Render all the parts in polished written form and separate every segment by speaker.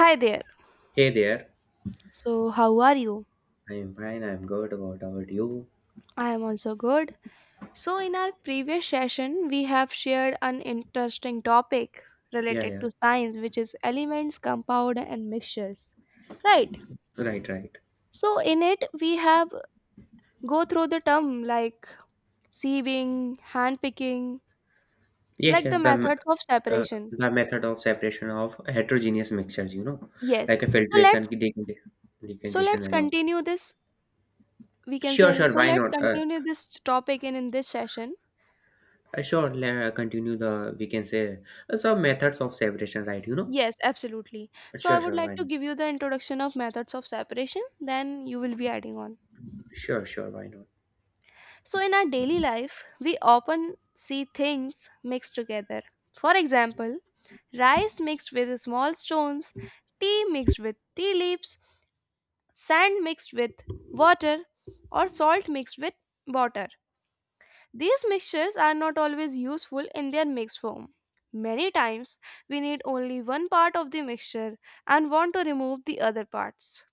Speaker 1: Hi there.
Speaker 2: Hey there.
Speaker 1: So, how are you?
Speaker 2: I'm fine. I'm good. What about you?
Speaker 1: I am also good. So, in our previous session, we have shared an interesting topic
Speaker 2: Yeah,
Speaker 1: related
Speaker 2: yeah.
Speaker 1: to science, which is elements, compound, and mixtures. Right.
Speaker 2: Right, right.
Speaker 1: So, in it, we have go through the term like sieving, hand picking,
Speaker 2: Yes,
Speaker 1: like the
Speaker 2: yes.
Speaker 1: methods of separation.
Speaker 2: The method of separation of heterogeneous mixtures,
Speaker 1: Yes.
Speaker 2: like a
Speaker 1: So let's so
Speaker 2: decantation,
Speaker 1: let's
Speaker 2: and all.
Speaker 1: continue this. We can
Speaker 2: Sure,
Speaker 1: say
Speaker 2: sure.
Speaker 1: so.
Speaker 2: Why
Speaker 1: Let's
Speaker 2: not?
Speaker 1: continue this topic in this session.
Speaker 2: Sure. Let continue the. We can say some methods of separation. Right. You know.
Speaker 1: Yes, absolutely. So I
Speaker 2: Sure,
Speaker 1: would
Speaker 2: sure.
Speaker 1: like
Speaker 2: Why
Speaker 1: to
Speaker 2: not?
Speaker 1: give you the introduction of methods of separation, then you will be adding on.
Speaker 2: Sure, sure. Why not?
Speaker 1: So in our daily life, we often see things mixed together. For example, rice mixed with small stones, tea mixed with tea leaves, sand mixed with water, or salt mixed with water. These mixtures are not always useful in their mixed form. Many times, we need only one part of the mixture and want to remove the other parts.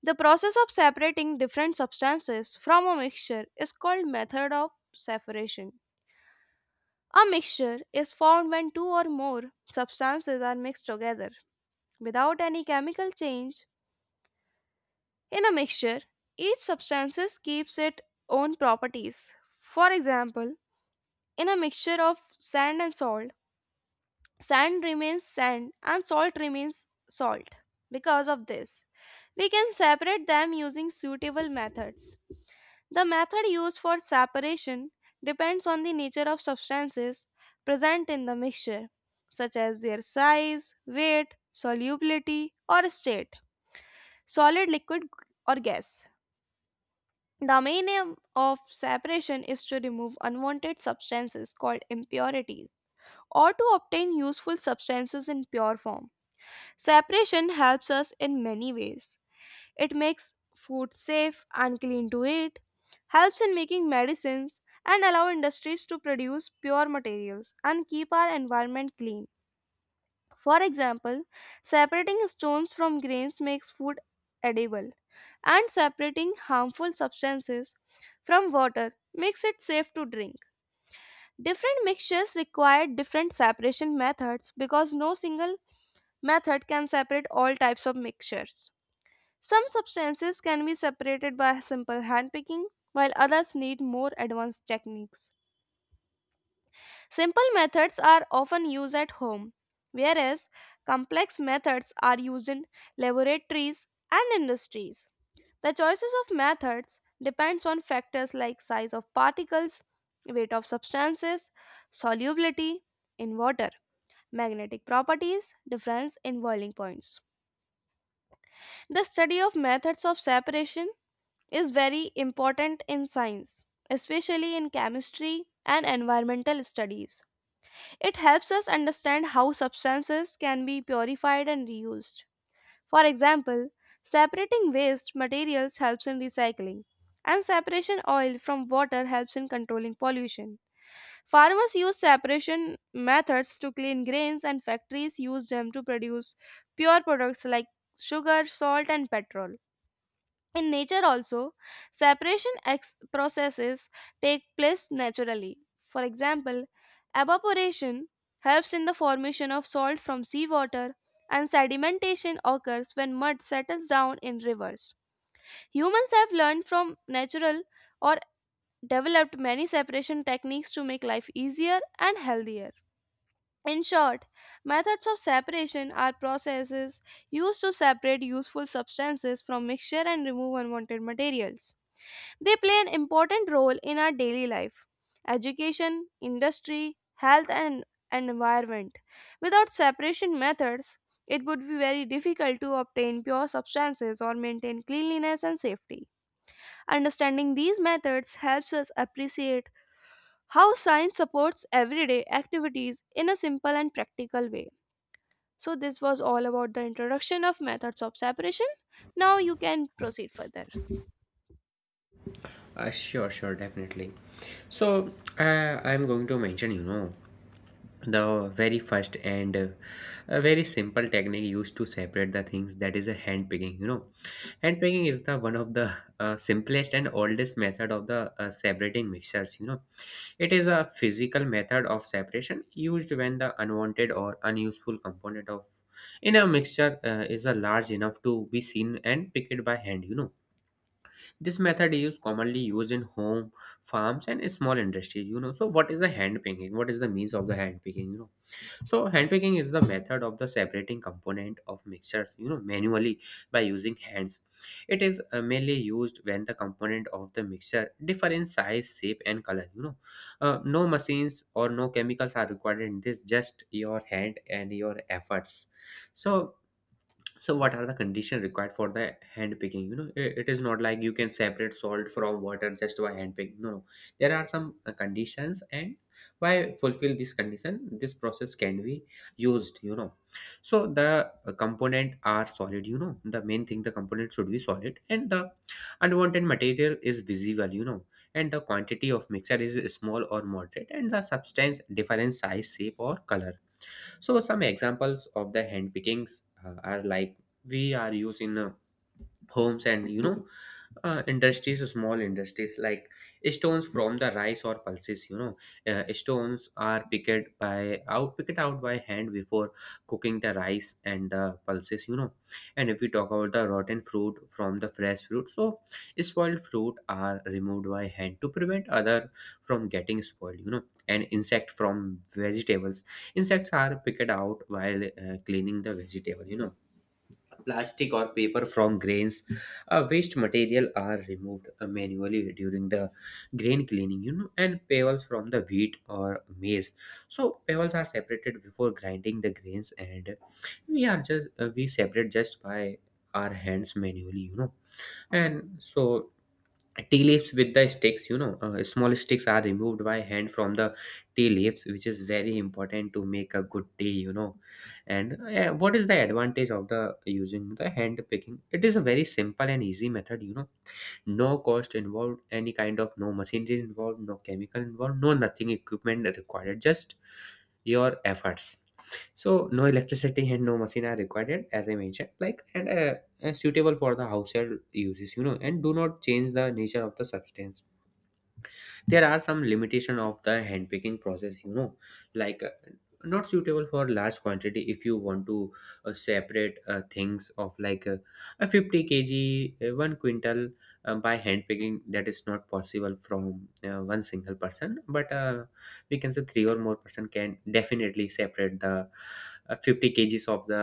Speaker 1: The process of separating different substances from a mixture is called method of separation. A mixture is formed when two or more substances are mixed together without any chemical change. In a mixture, each substance keeps its own properties. For example, in a mixture of sand and salt, sand remains sand and salt remains salt. Because of this, we can separate them using suitable methods. The method used for separation depends on the nature of substances present in the mixture, such as their size, weight, solubility, or state solid, liquid, or gas. The main aim of separation is to remove unwanted substances called impurities or to obtain useful substances in pure form. Separation helps us in many ways. It makes food safe and clean to eat, helps in making medicines, and allow industries to produce pure materials and keep our environment clean. For example, separating stones from grains makes food edible, and separating harmful substances from water makes it safe to drink. Different mixtures require different separation methods because no single method can separate all types of mixtures. Some substances can be separated by simple handpicking, while others need more advanced techniques. Simple methods are often used at home, whereas complex methods are used in laboratories and industries. The choices of methods depends on factors like size of particles, weight of substances, solubility in water, magnetic properties, difference in boiling points. The study of methods of separation is very important in science, especially in chemistry and environmental studies. It helps us understand how substances can be purified and reused. For example, separating waste materials helps in recycling, and separation oil from water helps in controlling pollution. Farmers use separation methods to clean grains, and factories use them to produce pure products like sugar, salt, and petrol. In nature, also, separation processes take place naturally. For example, evaporation helps in the formation of salt from seawater, and sedimentation occurs when mud settles down in rivers. Humans have learned from natural or developed many separation techniques to make life easier and healthier. In short, methods of separation are processes used to separate useful substances from mixture and remove unwanted materials. They play an important role in our daily life, education, industry, health, and environment. Without separation methods, it would be very difficult to obtain pure substances or maintain cleanliness and safety. Understanding these methods helps us appreciate how science supports everyday activities in a simple and practical way. So, this was all about the introduction of methods of separation. Now, you can proceed further.
Speaker 2: Sure, sure. Definitely. So I'm going to mention. You know. The very first and a very simple technique used to separate the things, that is a hand picking. Hand picking is the one of the simplest and oldest method of the separating mixtures. It is a physical method of separation used when the unwanted or unuseful component of in a mixture is a large enough to be seen and picked by hand. This method is commonly used in home, farms and small industries. So what is the hand picking? What is the means of the hand picking? So hand picking is the method of the separating component of mixtures, you know, manually by using hands. It is mainly used when the component of the mixture differ in size, shape, and color. You know, no machines or no chemicals are required in this. Just your hand and your efforts. So so, what are the conditions required for the hand picking? You know, I- it is not like you can separate salt from water just by hand picking. No, no, there are some conditions, and by fulfill this condition this process can be used. So the component are solid. The main thing, the component should be solid, and the unwanted material is visible, and the quantity of mixture is small or moderate and the substance different size, shape or color. So some examples of the hand pickings are like, we are used in homes and you know, industries, small industries, like stones from the rice or pulses. Stones are picked out by hand before cooking the rice and the pulses. And if we talk about the rotten fruit from the fresh fruit, so spoiled fruit are removed by hand to prevent other from getting spoiled, and insect from vegetables, insects are picked out while cleaning the vegetable. Plastic or paper from grains, waste material are removed manually during the grain cleaning, you know, and pebbles from the wheat or maize. So pebbles are separated before grinding the grains, and we are just we separate just by our hands manually, you know, and so tea leaves with the sticks. Small sticks are removed by hand from the tea leaves, which is very important to make a good tea. And what is the advantage of the using the hand picking? It is a very simple and easy method. No cost involved, any kind of, no machinery involved, no chemical involved, no nothing, equipment required, just your efforts. So no electricity and no machine are required, as I mentioned, like, and suitable for the household uses, and do not change the nature of the substance. There are some limitation of the handpicking process, like not suitable for large quantity. If you want to separate things of like a 50 kg, 1 quintal, by handpicking, that is not possible from one single person, but we can say three or more person can definitely separate the 50 kgs of the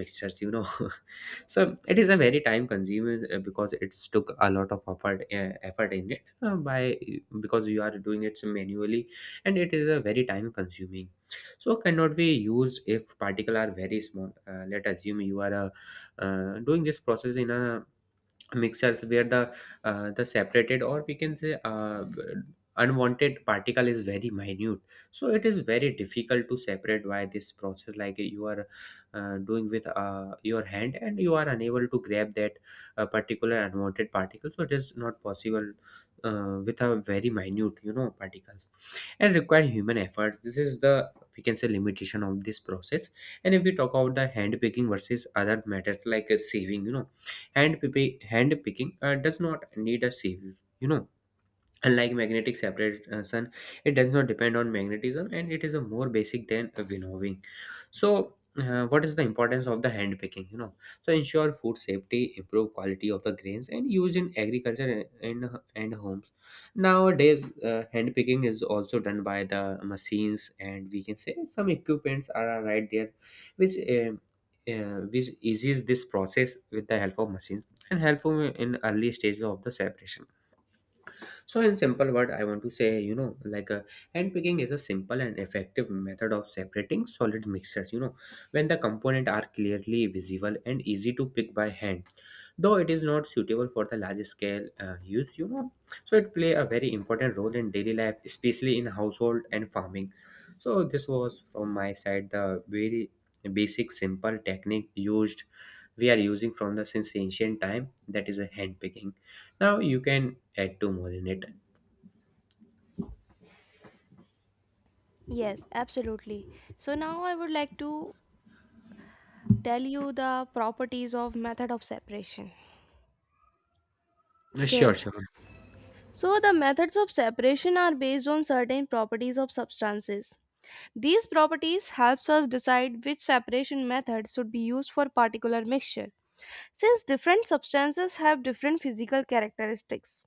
Speaker 2: mixtures. So it is a very time consuming because it took a lot of effort, effort in it, by because you are doing it manually, and it is a very time consuming. So cannot be used if particle are very small. Let assume you are doing this process in a mixers where the separated, or we can say unwanted particle is very minute, so it is very difficult to separate by this process, like you are doing with your hand and you are unable to grab that particular unwanted particle, so it is not possible with a very minute, you know, particles, and require human effort. This is the, we can say, limitation of this process. And if we talk about the hand picking versus other matters like saving, you know, hand picking does not need a sieve, you know, unlike magnetic separation. It does not depend on magnetism, and it is a more basic than a winnowing. So what is the importance of the hand picking? You know, so ensure food safety, improve quality of the grains, and use in agriculture and homes. Nowadays hand picking is also done by the machines, and we can say some equipments are right there, which um which eases this process with the help of machines, and helpful in early stages of the separation. So, in simple word, I want to say, you know, like handpicking is a simple and effective method of separating solid mixtures. You know, when the component are clearly visible and easy to pick by hand, though it is not suitable for the large scale use. You know, so it play a very important role in daily life, especially in household and farming. So, this was from my side, the very basic, simple technique used. We are using from the since ancient time, that is a handpicking. Now you can add two more in it.
Speaker 1: Yes, absolutely. So, now I would like to tell you the properties of method of separation.
Speaker 2: Sure,
Speaker 1: Okay.
Speaker 2: sure.
Speaker 1: So, the methods of separation are based on certain properties of substances. These properties helps us decide which separation method should be used for particular mixture. Since different substances have different physical characteristics,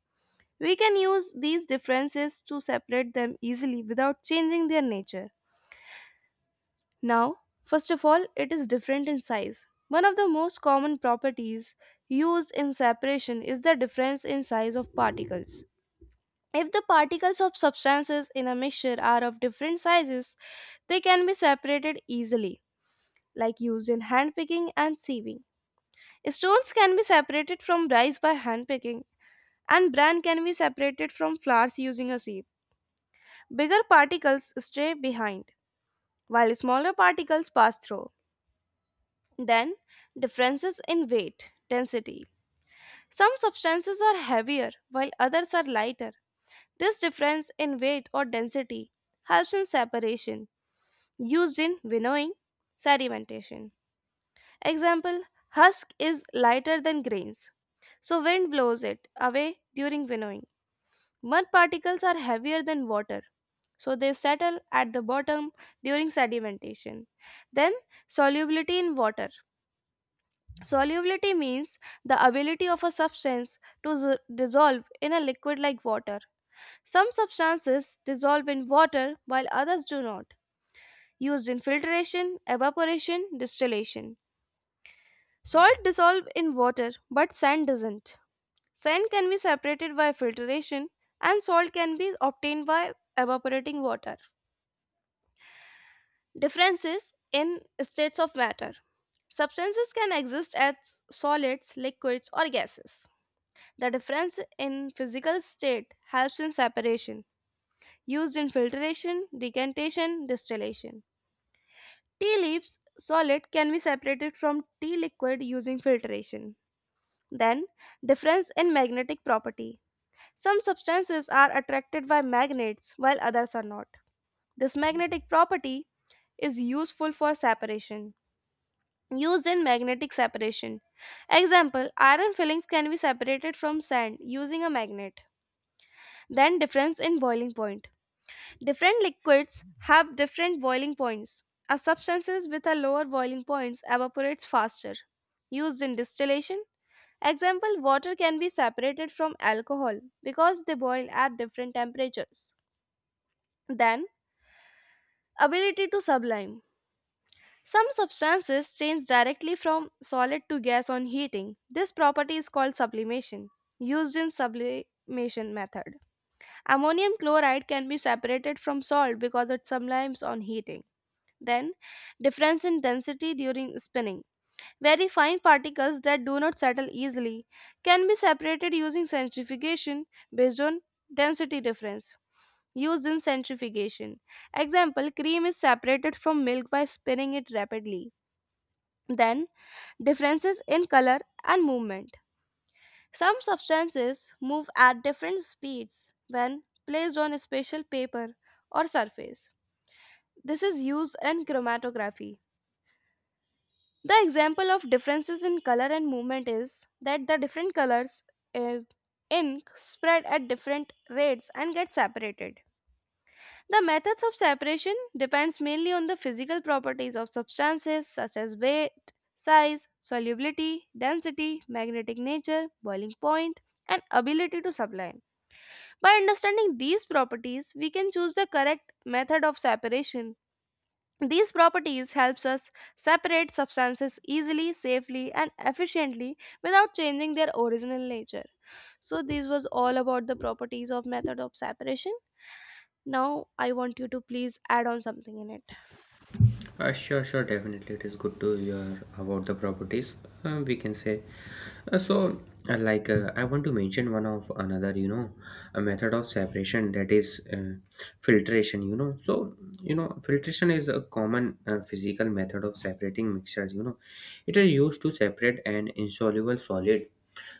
Speaker 1: we can use these differences to separate them easily without changing their nature. Now, first of all, it is different in size. One of the most common properties used in separation is the difference in size of particles. If the particles of substances in a mixture are of different sizes, they can be separated easily. Like used in handpicking and sieving. Stones can be separated from rice by handpicking, and bran can be separated from flours using a sieve. Bigger particles stay behind, while smaller particles pass through. Then, differences in weight, density. Some substances are heavier while others are lighter. This difference in weight or density helps in separation, used in winnowing, sedimentation. Example husk is lighter than grains, so wind blows it away during winnowing. Mud particles are heavier than water, so they settle at the bottom during sedimentation. Then, solubility in water. Solubility means the ability of a substance to dissolve in a liquid like water. Some substances dissolve in water while others do not, used in filtration, evaporation, distillation. Salt dissolve in water, but sand doesn't. Sand can be separated by filtration and salt can be obtained by evaporating water. Differences in states of matter. Substances can exist as solids, liquids or gases. The difference in physical state helps in separation, used in filtration, decantation, distillation. Tea leaves solid can be separated from tea liquid using filtration. Then difference in magnetic property. Some substances are attracted by magnets while others are not. This magnetic property is useful for separation, used in magnetic separation. Example, iron fillings can be separated from sand using a magnet. Then difference in boiling point. Different liquids have different boiling points. A substances with a lower boiling points evaporates faster. Used in distillation. Example, water can be separated from alcohol because they boil at different temperatures. Then, ability to sublime. Some substances change directly from solid to gas on heating. This property is called sublimation, used in sublimation method. Ammonium chloride can be separated from salt because it sublimes on heating. Then, difference in density during spinning. Very fine particles that do not settle easily can be separated using centrifugation based on density difference. Used in centrifugation. Example cream is separated from milk by spinning it rapidly. Then, differences in color and movement. Some substances move at different speeds when placed on a special paper or surface. This is used in chromatography. The example of differences in color and movement is that the different colors in ink spread at different rates and get separated. The methods of separation depends mainly on the physical properties of substances such as weight, size, solubility, density, magnetic nature, boiling point, and ability to sublime. By understanding these properties, we can choose the correct method of separation. These properties helps us separate substances easily, safely, and efficiently without changing their original nature. So this was all about the properties of method of separation. Now I want you to please add on something in it.
Speaker 2: Sure, sure, definitely. It is good to hear about the properties. We can say uh, so. Like I want to mention one of another, you know, a method of separation, that is filtration. You know, so you know, filtration is a common physical method of separating mixtures. You know, it is used to separate an insoluble solid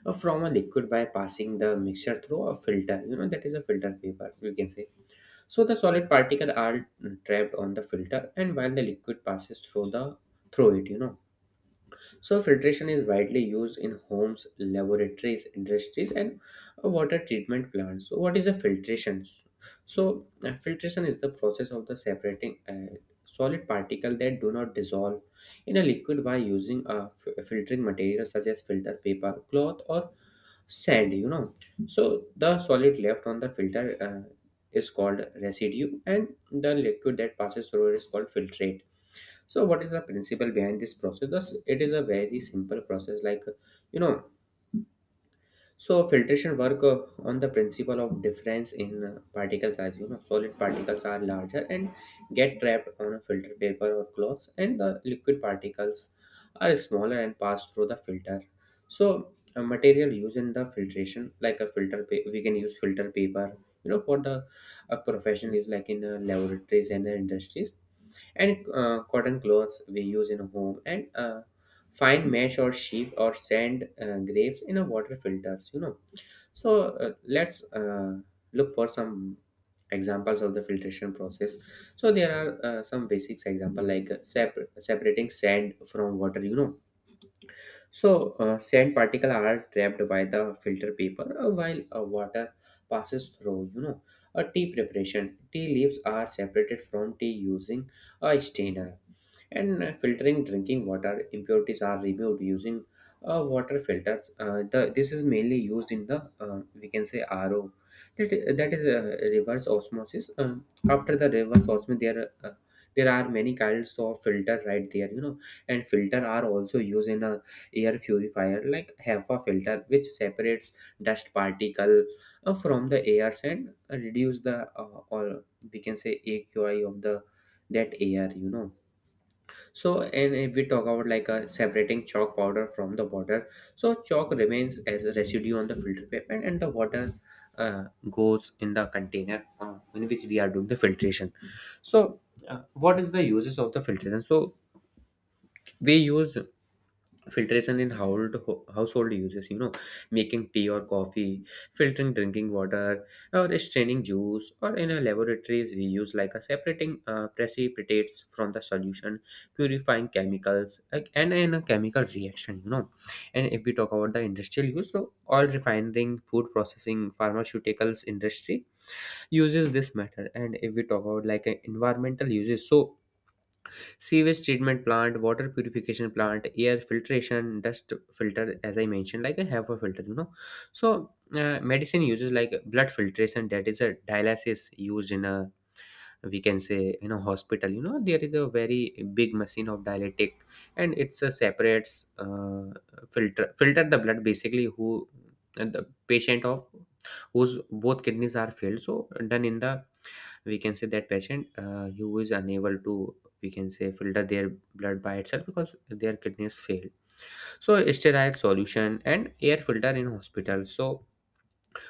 Speaker 2: from a liquid by passing the mixture through a filter. You know, that is a filter paper, we can say. So the solid particles are trapped on the filter, and while the liquid passes through it, you know. So, filtration is widely used in homes, laboratories, industries, and water treatment plants. So, what is a filtration? So, filtration is the process of the separating solid particle that do not dissolve in a liquid by using a filtering material such as filter paper, cloth, or sand. You know, so the solid left on the filter is called residue, and the liquid that passes through it is called filtrate. So, what is the principle behind this process? Thus, it is a very simple process, like, you know. So, filtration work on the principle of difference in particle size. You know, solid particles are larger and get trapped on a filter paper or cloth, and the liquid particles are smaller and pass through the filter. So, a material used in the filtration, like a filter, we can use filter paper. You know, for the professional use, like in laboratories and industries, and cotton clothes we use in a home, and fine mesh or sheep or sand grapes in a water filters, you know. So let's look for some examples of the filtration process. So there are some basics example, like separating sand from water, you know. So, sand particles are trapped by the filter paper while water passes through. You know, a tea preparation. Tea leaves are separated from tea using a strainer, and filtering drinking water. Impurities are removed using water filters. This is mainly used in the, we can say, RO. That is reverse osmosis. After the reverse osmosis, there are many kinds of filter right there. You know, and filter are also used in a air purifier like HEPA filter which separates dust particle from the air and reduce the or we can say AQI of the that air you know. So, and if we talk about like separating chalk powder from the water, so chalk remains as a residue on the filter paper and the water goes in the container in which we are doing the filtration. So what is the uses of the filtration? So we use filtration in household household uses, you know, making tea or coffee, filtering drinking water, or straining juice, or in a laboratories we use like a separating precipitates from the solution, purifying chemicals like, and in a chemical reaction, you know. And if we talk about the industrial use, so all refining, food processing, pharmaceuticals industry uses this method. And if we talk about like environmental uses, so sewage treatment plant, water purification plant, air filtration, dust filter, as I mentioned like a have a filter, you know. So medicine uses like blood filtration, that is a dialysis, used in a, we can say in a hospital, you know, there is a very big machine of dialytic, and it's a separates filter the blood basically, who, and the patient of whose both kidneys are failed, so done in the, we can say that patient who is unable to, we can say, filter their blood by itself because their kidneys failed. So sterile solution and air filter in hospital. So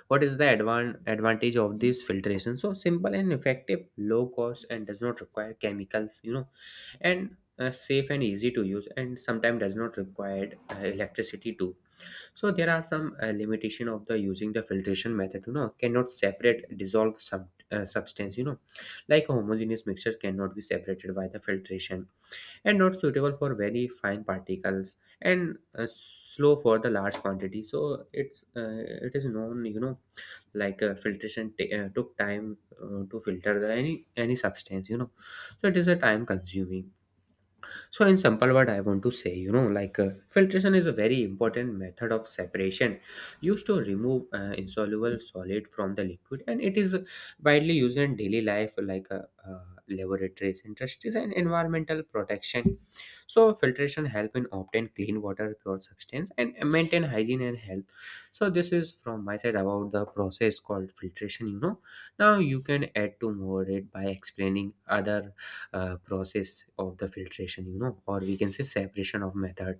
Speaker 2: what is the advantage of this filtration? So simple and effective, low cost and does not require chemicals, you know. And safe and easy to use, and sometimes does not require electricity too. So there are some limitation of the using the filtration method, you know, cannot separate dissolve substance, you know, like a homogeneous mixture cannot be separated by the filtration, and not suitable for very fine particles, and slow for the large quantity, so it is known, you know, like filtration took time to filter the any substance, you know. So it is a time consuming. So, in simple word, I want to say, you know, like filtration is a very important method of separation used to remove insoluble solid from the liquid, and it is widely used in daily life, like laboratories, industries, and environmental protection. So, filtration help in obtain clean water, pure substance, and maintain hygiene and health. So, this is from my side about the process called filtration. You know, now you can add to more it by explaining other process of the filtration, you know, or we can say separation of method.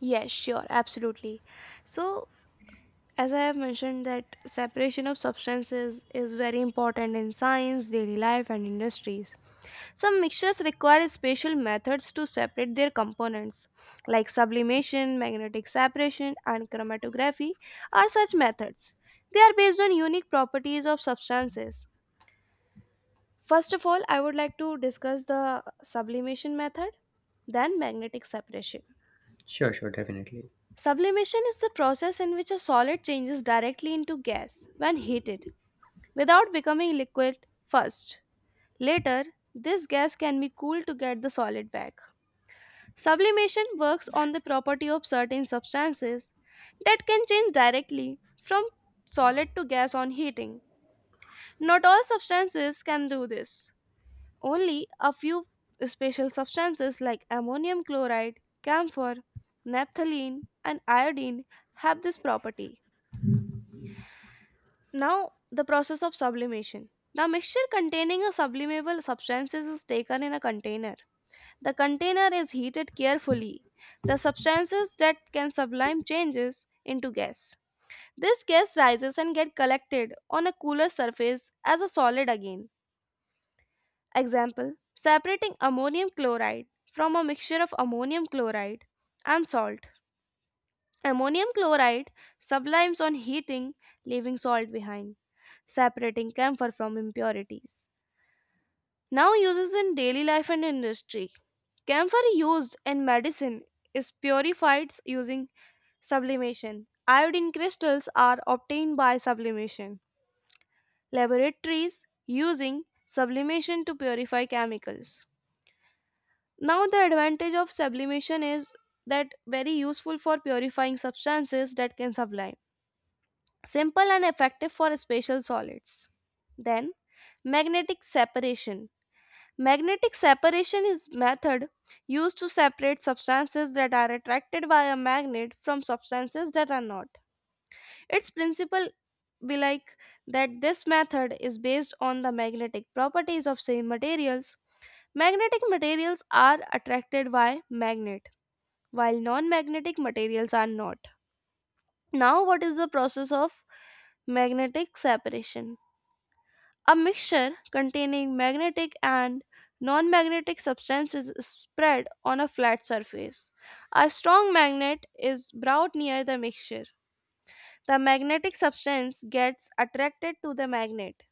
Speaker 1: Yes, sure, absolutely. So, as I have mentioned that separation of substances is very important in science, daily life and industries. Some mixtures require special methods to separate their components, like sublimation, magnetic separation, and chromatography are such methods. They are based on unique properties of substances. First of all, I would like to discuss the sublimation method, then magnetic separation.
Speaker 2: Sure, sure, definitely.
Speaker 1: Sublimation is the process in which a solid changes directly into gas when heated without becoming liquid first. Later, this gas can be cooled to get the solid back. Sublimation works on the property of certain substances that can change directly from solid to gas on heating. Not all substances can do this. Only a few special substances like ammonium chloride, camphor, naphthalene, and iodine have this property. Now, the process of sublimation. Now, mixture containing a sublimable substances is taken in a container. The container is heated carefully. The substances that can sublime changes into gas. This gas rises and get collected on a cooler surface as a solid again. Example: separating ammonium chloride from a mixture of ammonium chloride and salt. Ammonium chloride sublimes on heating, leaving salt behind separating camphor from impurities. Now uses in daily life and industry. Camphor used in medicine is purified using sublimation. Iodine crystals are obtained by sublimation. Laboratories using sublimation to purify chemicals. Now the advantage of sublimation is that very useful for purifying substances that can sublime. Simple and effective for special solids. Then magnetic separation. Magnetic separation is method used to separate substances that are attracted by a magnet from substances that are not. Its principle be like that this method is based on the magnetic properties of same materials. Magnetic materials are attracted by magnet while non-magnetic materials are not. Now what is the process of magnetic separation? A mixture containing magnetic and non magnetic substances is spread on a flat surface. A strong magnet is brought near the mixture. The magnetic substance gets attracted to the magnet,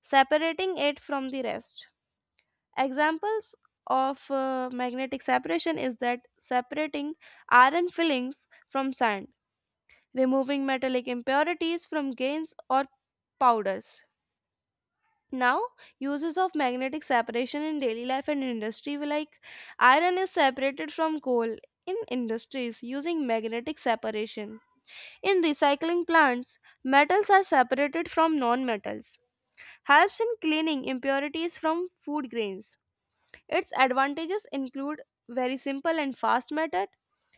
Speaker 1: separating it from the rest. Examples of magnetic separation is that separating iron fillings from sand, removing metallic impurities from grains or powders. Now, uses of magnetic separation in daily life and industry were like iron is separated from coal in industries using magnetic separation. In recycling plants, metals are separated from non-metals. Helps in cleaning impurities from food grains. Its advantages include very simple and fast method,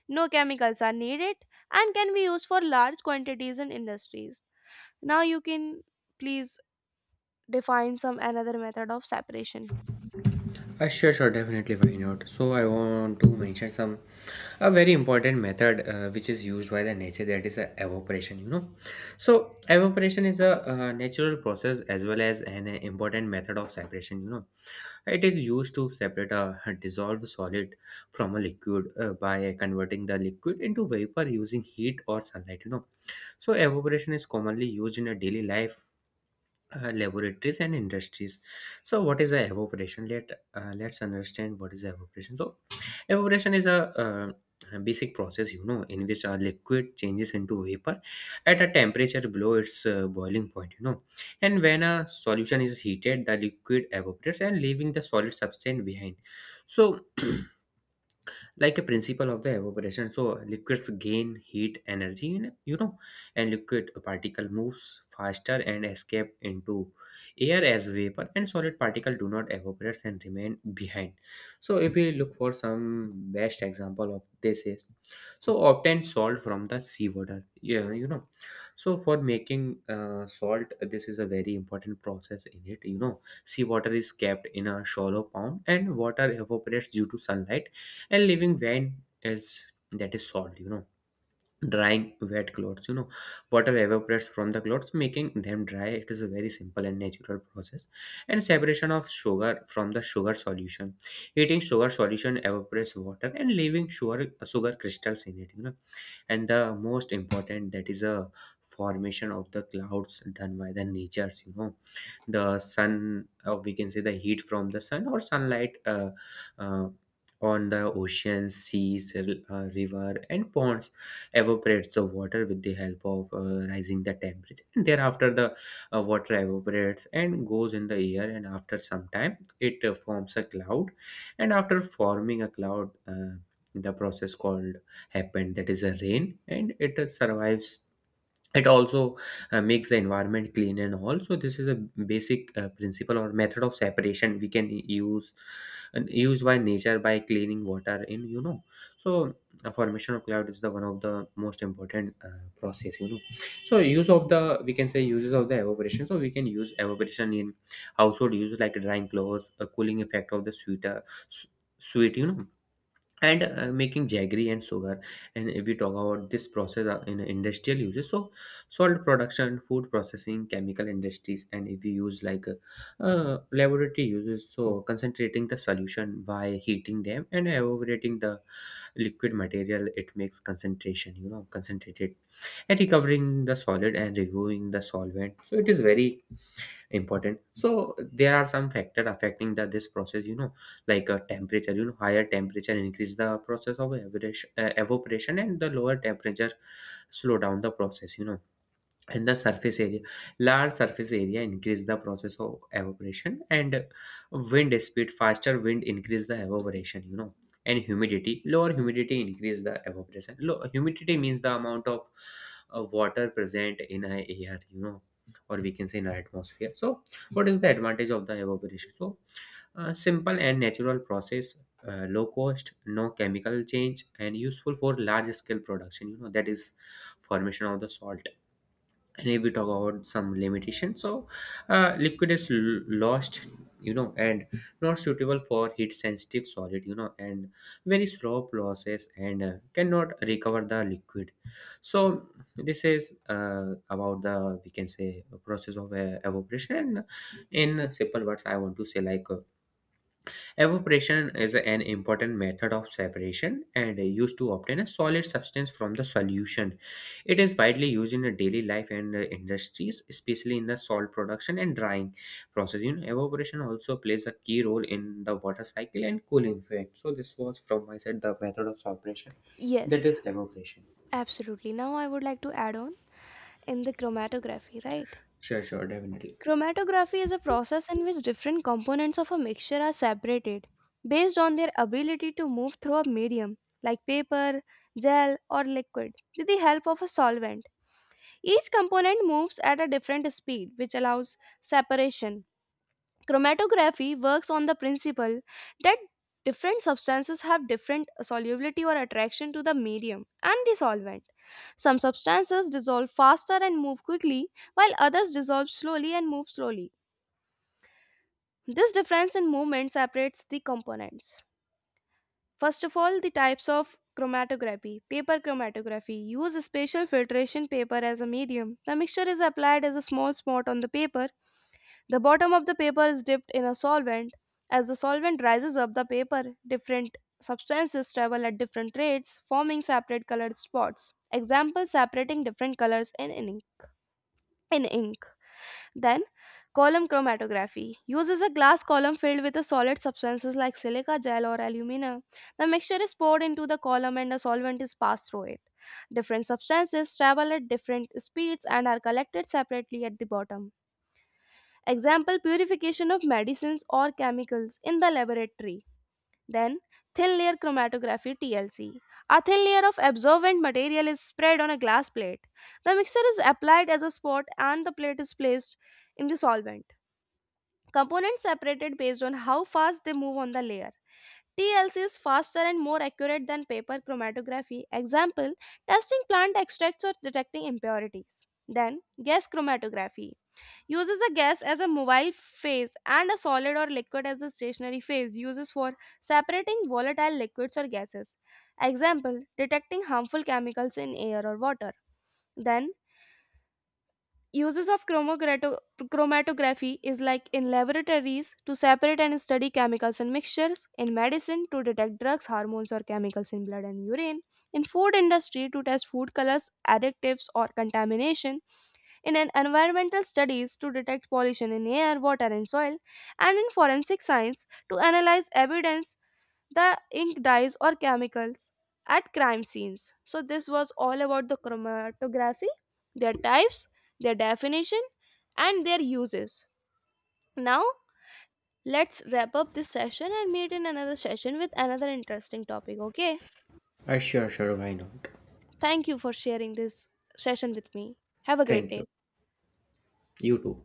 Speaker 1: no chemicals are needed, and can be used for large quantities in industries. Now you can please define some another method of separation.
Speaker 2: Sure, sure, definitely why not? So I want to mention some a very important method which is used by the nature, that is a evaporation, you know. So evaporation is a natural process as well as an important method of separation, you know. It is used to separate a dissolved solid from a liquid by converting the liquid into vapor using heat or sunlight, you know. So evaporation is commonly used in a daily life, laboratories and industries. So what is the evaporation? Let's understand what is evaporation. So evaporation is a a basic process, you know, in which a liquid changes into vapor at a temperature below its boiling point, you know. And when a solution is heated, the liquid evaporates and leaving the solid substance behind. So like a principle of the evaporation, so liquids gain heat energy, and you know, and liquid particle moves faster and escape into air as vapor, and solid particle do not evaporate and remain behind. So if we look for some best example of this is, so obtain salt from the seawater, yeah, you know. So for making salt, this is a very important process in it, you know. Seawater is kept in a shallow pond and water evaporates due to sunlight, and living when is that is solved, you know. Drying wet clothes, you know, water evaporates from the clothes making them dry, it is a very simple and natural process. And separation of sugar from the sugar solution, heating sugar solution evaporates water and leaving sugar crystals in it, you know. And the most important, that is a formation of the clouds done by the natures, you know. The sun, or we can say the heat from the sun or sunlight, uh, on the oceans, seas, river and ponds, evaporates the water with the help of rising the temperature, and thereafter the water evaporates and goes in the air, and after some time it forms a cloud. And after forming a cloud, the process called happened, that is a rain, and it survives. It also makes the environment clean and all. So this is a basic principle or method of separation we can use, and used by nature by cleaning water in, you know. So formation of cloud is the one of the most important process, you know. So use of the, we can say uses of the evaporation, so we can use evaporation in household use like drying clothes, a cooling effect of the sweeter, s- sweet, you know. And making jaggery and sugar. And if we talk about this process in industrial uses, so salt production, food processing, chemical industries. And if we use like laboratory uses, so concentrating the solution by heating them and evaporating the liquid material, it makes concentration, you know, concentrated, and recovering the solid and removing the solvent, so it is very important. So there are some factor affecting that this process, you know, like a temperature, you know, higher temperature increase the process of evaporation, and the lower temperature slow down the process, you know. And the surface area, large surface area increase the process of evaporation, and wind speed, faster wind increase the evaporation, you know. And humidity, lower humidity increase the evaporation, low humidity means the amount of water present in a air, you know, or we can say in our atmosphere. So what is the advantage of the evaporation? So simple and natural process, low cost, no chemical change, and useful for large scale production, you know, that is formation of the salt. And if we talk about some limitation, so liquid is lost, you know, and not suitable for heat sensitive solid, you know, and very slow process, and cannot recover the liquid. So this is about the, we can say, process of evaporation. And in simple words I want to say like evaporation is an important method of separation and used to obtain a solid substance from the solution. It is widely used in the daily life and industries, especially in the salt production and drying process. You know, evaporation also plays a key role in the water cycle and cooling effect. So this was from my side the method of separation, that
Speaker 1: Yes,
Speaker 2: is evaporation.
Speaker 1: absolutely. Now I would like to add on in the chromatography, right?
Speaker 2: Sure, sure, definitely.
Speaker 1: Chromatography is a process in which different components of a mixture are separated based on their ability to move through a medium like paper, gel, or liquid with the help of a solvent. Each component moves at a different speed, which allows separation. Chromatography works on the principle that different substances have different solubility or attraction to the medium and the solvent. Some substances dissolve faster and move quickly, while others dissolve slowly and move slowly. This difference in movement separates the components. First of all, the types of chromatography. Paper chromatography use spatial filtration paper as a medium. The mixture is applied as a small spot on the paper. The bottom of the paper is dipped in a solvent. As the solvent rises up the paper, different substances travel at different rates, forming separate colored spots. Example separating different colors in an ink. In ink. Then, column chromatography uses a glass column filled with a solid substances like silica gel or alumina. The mixture is poured into the column and a solvent is passed through it. Different substances travel at different speeds and are collected separately at the bottom. Example purification of medicines or chemicals in the laboratory. Then, thin layer chromatography TLC. A thin layer of absorbent material is spread on a glass plate. The mixture is applied as a spot and the plate is placed in the solvent. Components separated based on how fast they move on the layer. TLC is faster and more accurate than paper chromatography. Example, testing plant extracts or detecting impurities. Then, gas chromatography uses a gas as a mobile phase and a solid or liquid as a stationary phase uses for separating volatile liquids or gases. Example detecting harmful chemicals in air or water. Then uses of chromatography is like in laboratories to separate and study chemicals and mixtures, in medicine to detect drugs hormones or chemicals in blood and urine, in food industry to test food colors additives or contamination, in an environmental studies to detect pollution in air, water, and soil, and in forensic science to analyze evidence, the ink dyes or chemicals at crime scenes. So this was all about the chromatography, their types, their definition, and their uses. Now let's wrap up this session and meet in another session with another interesting topic. Okay.
Speaker 2: Sure, sure, why not?
Speaker 1: Thank you for sharing this session with me. Have a great
Speaker 2: Thank you.
Speaker 1: day.
Speaker 2: You too.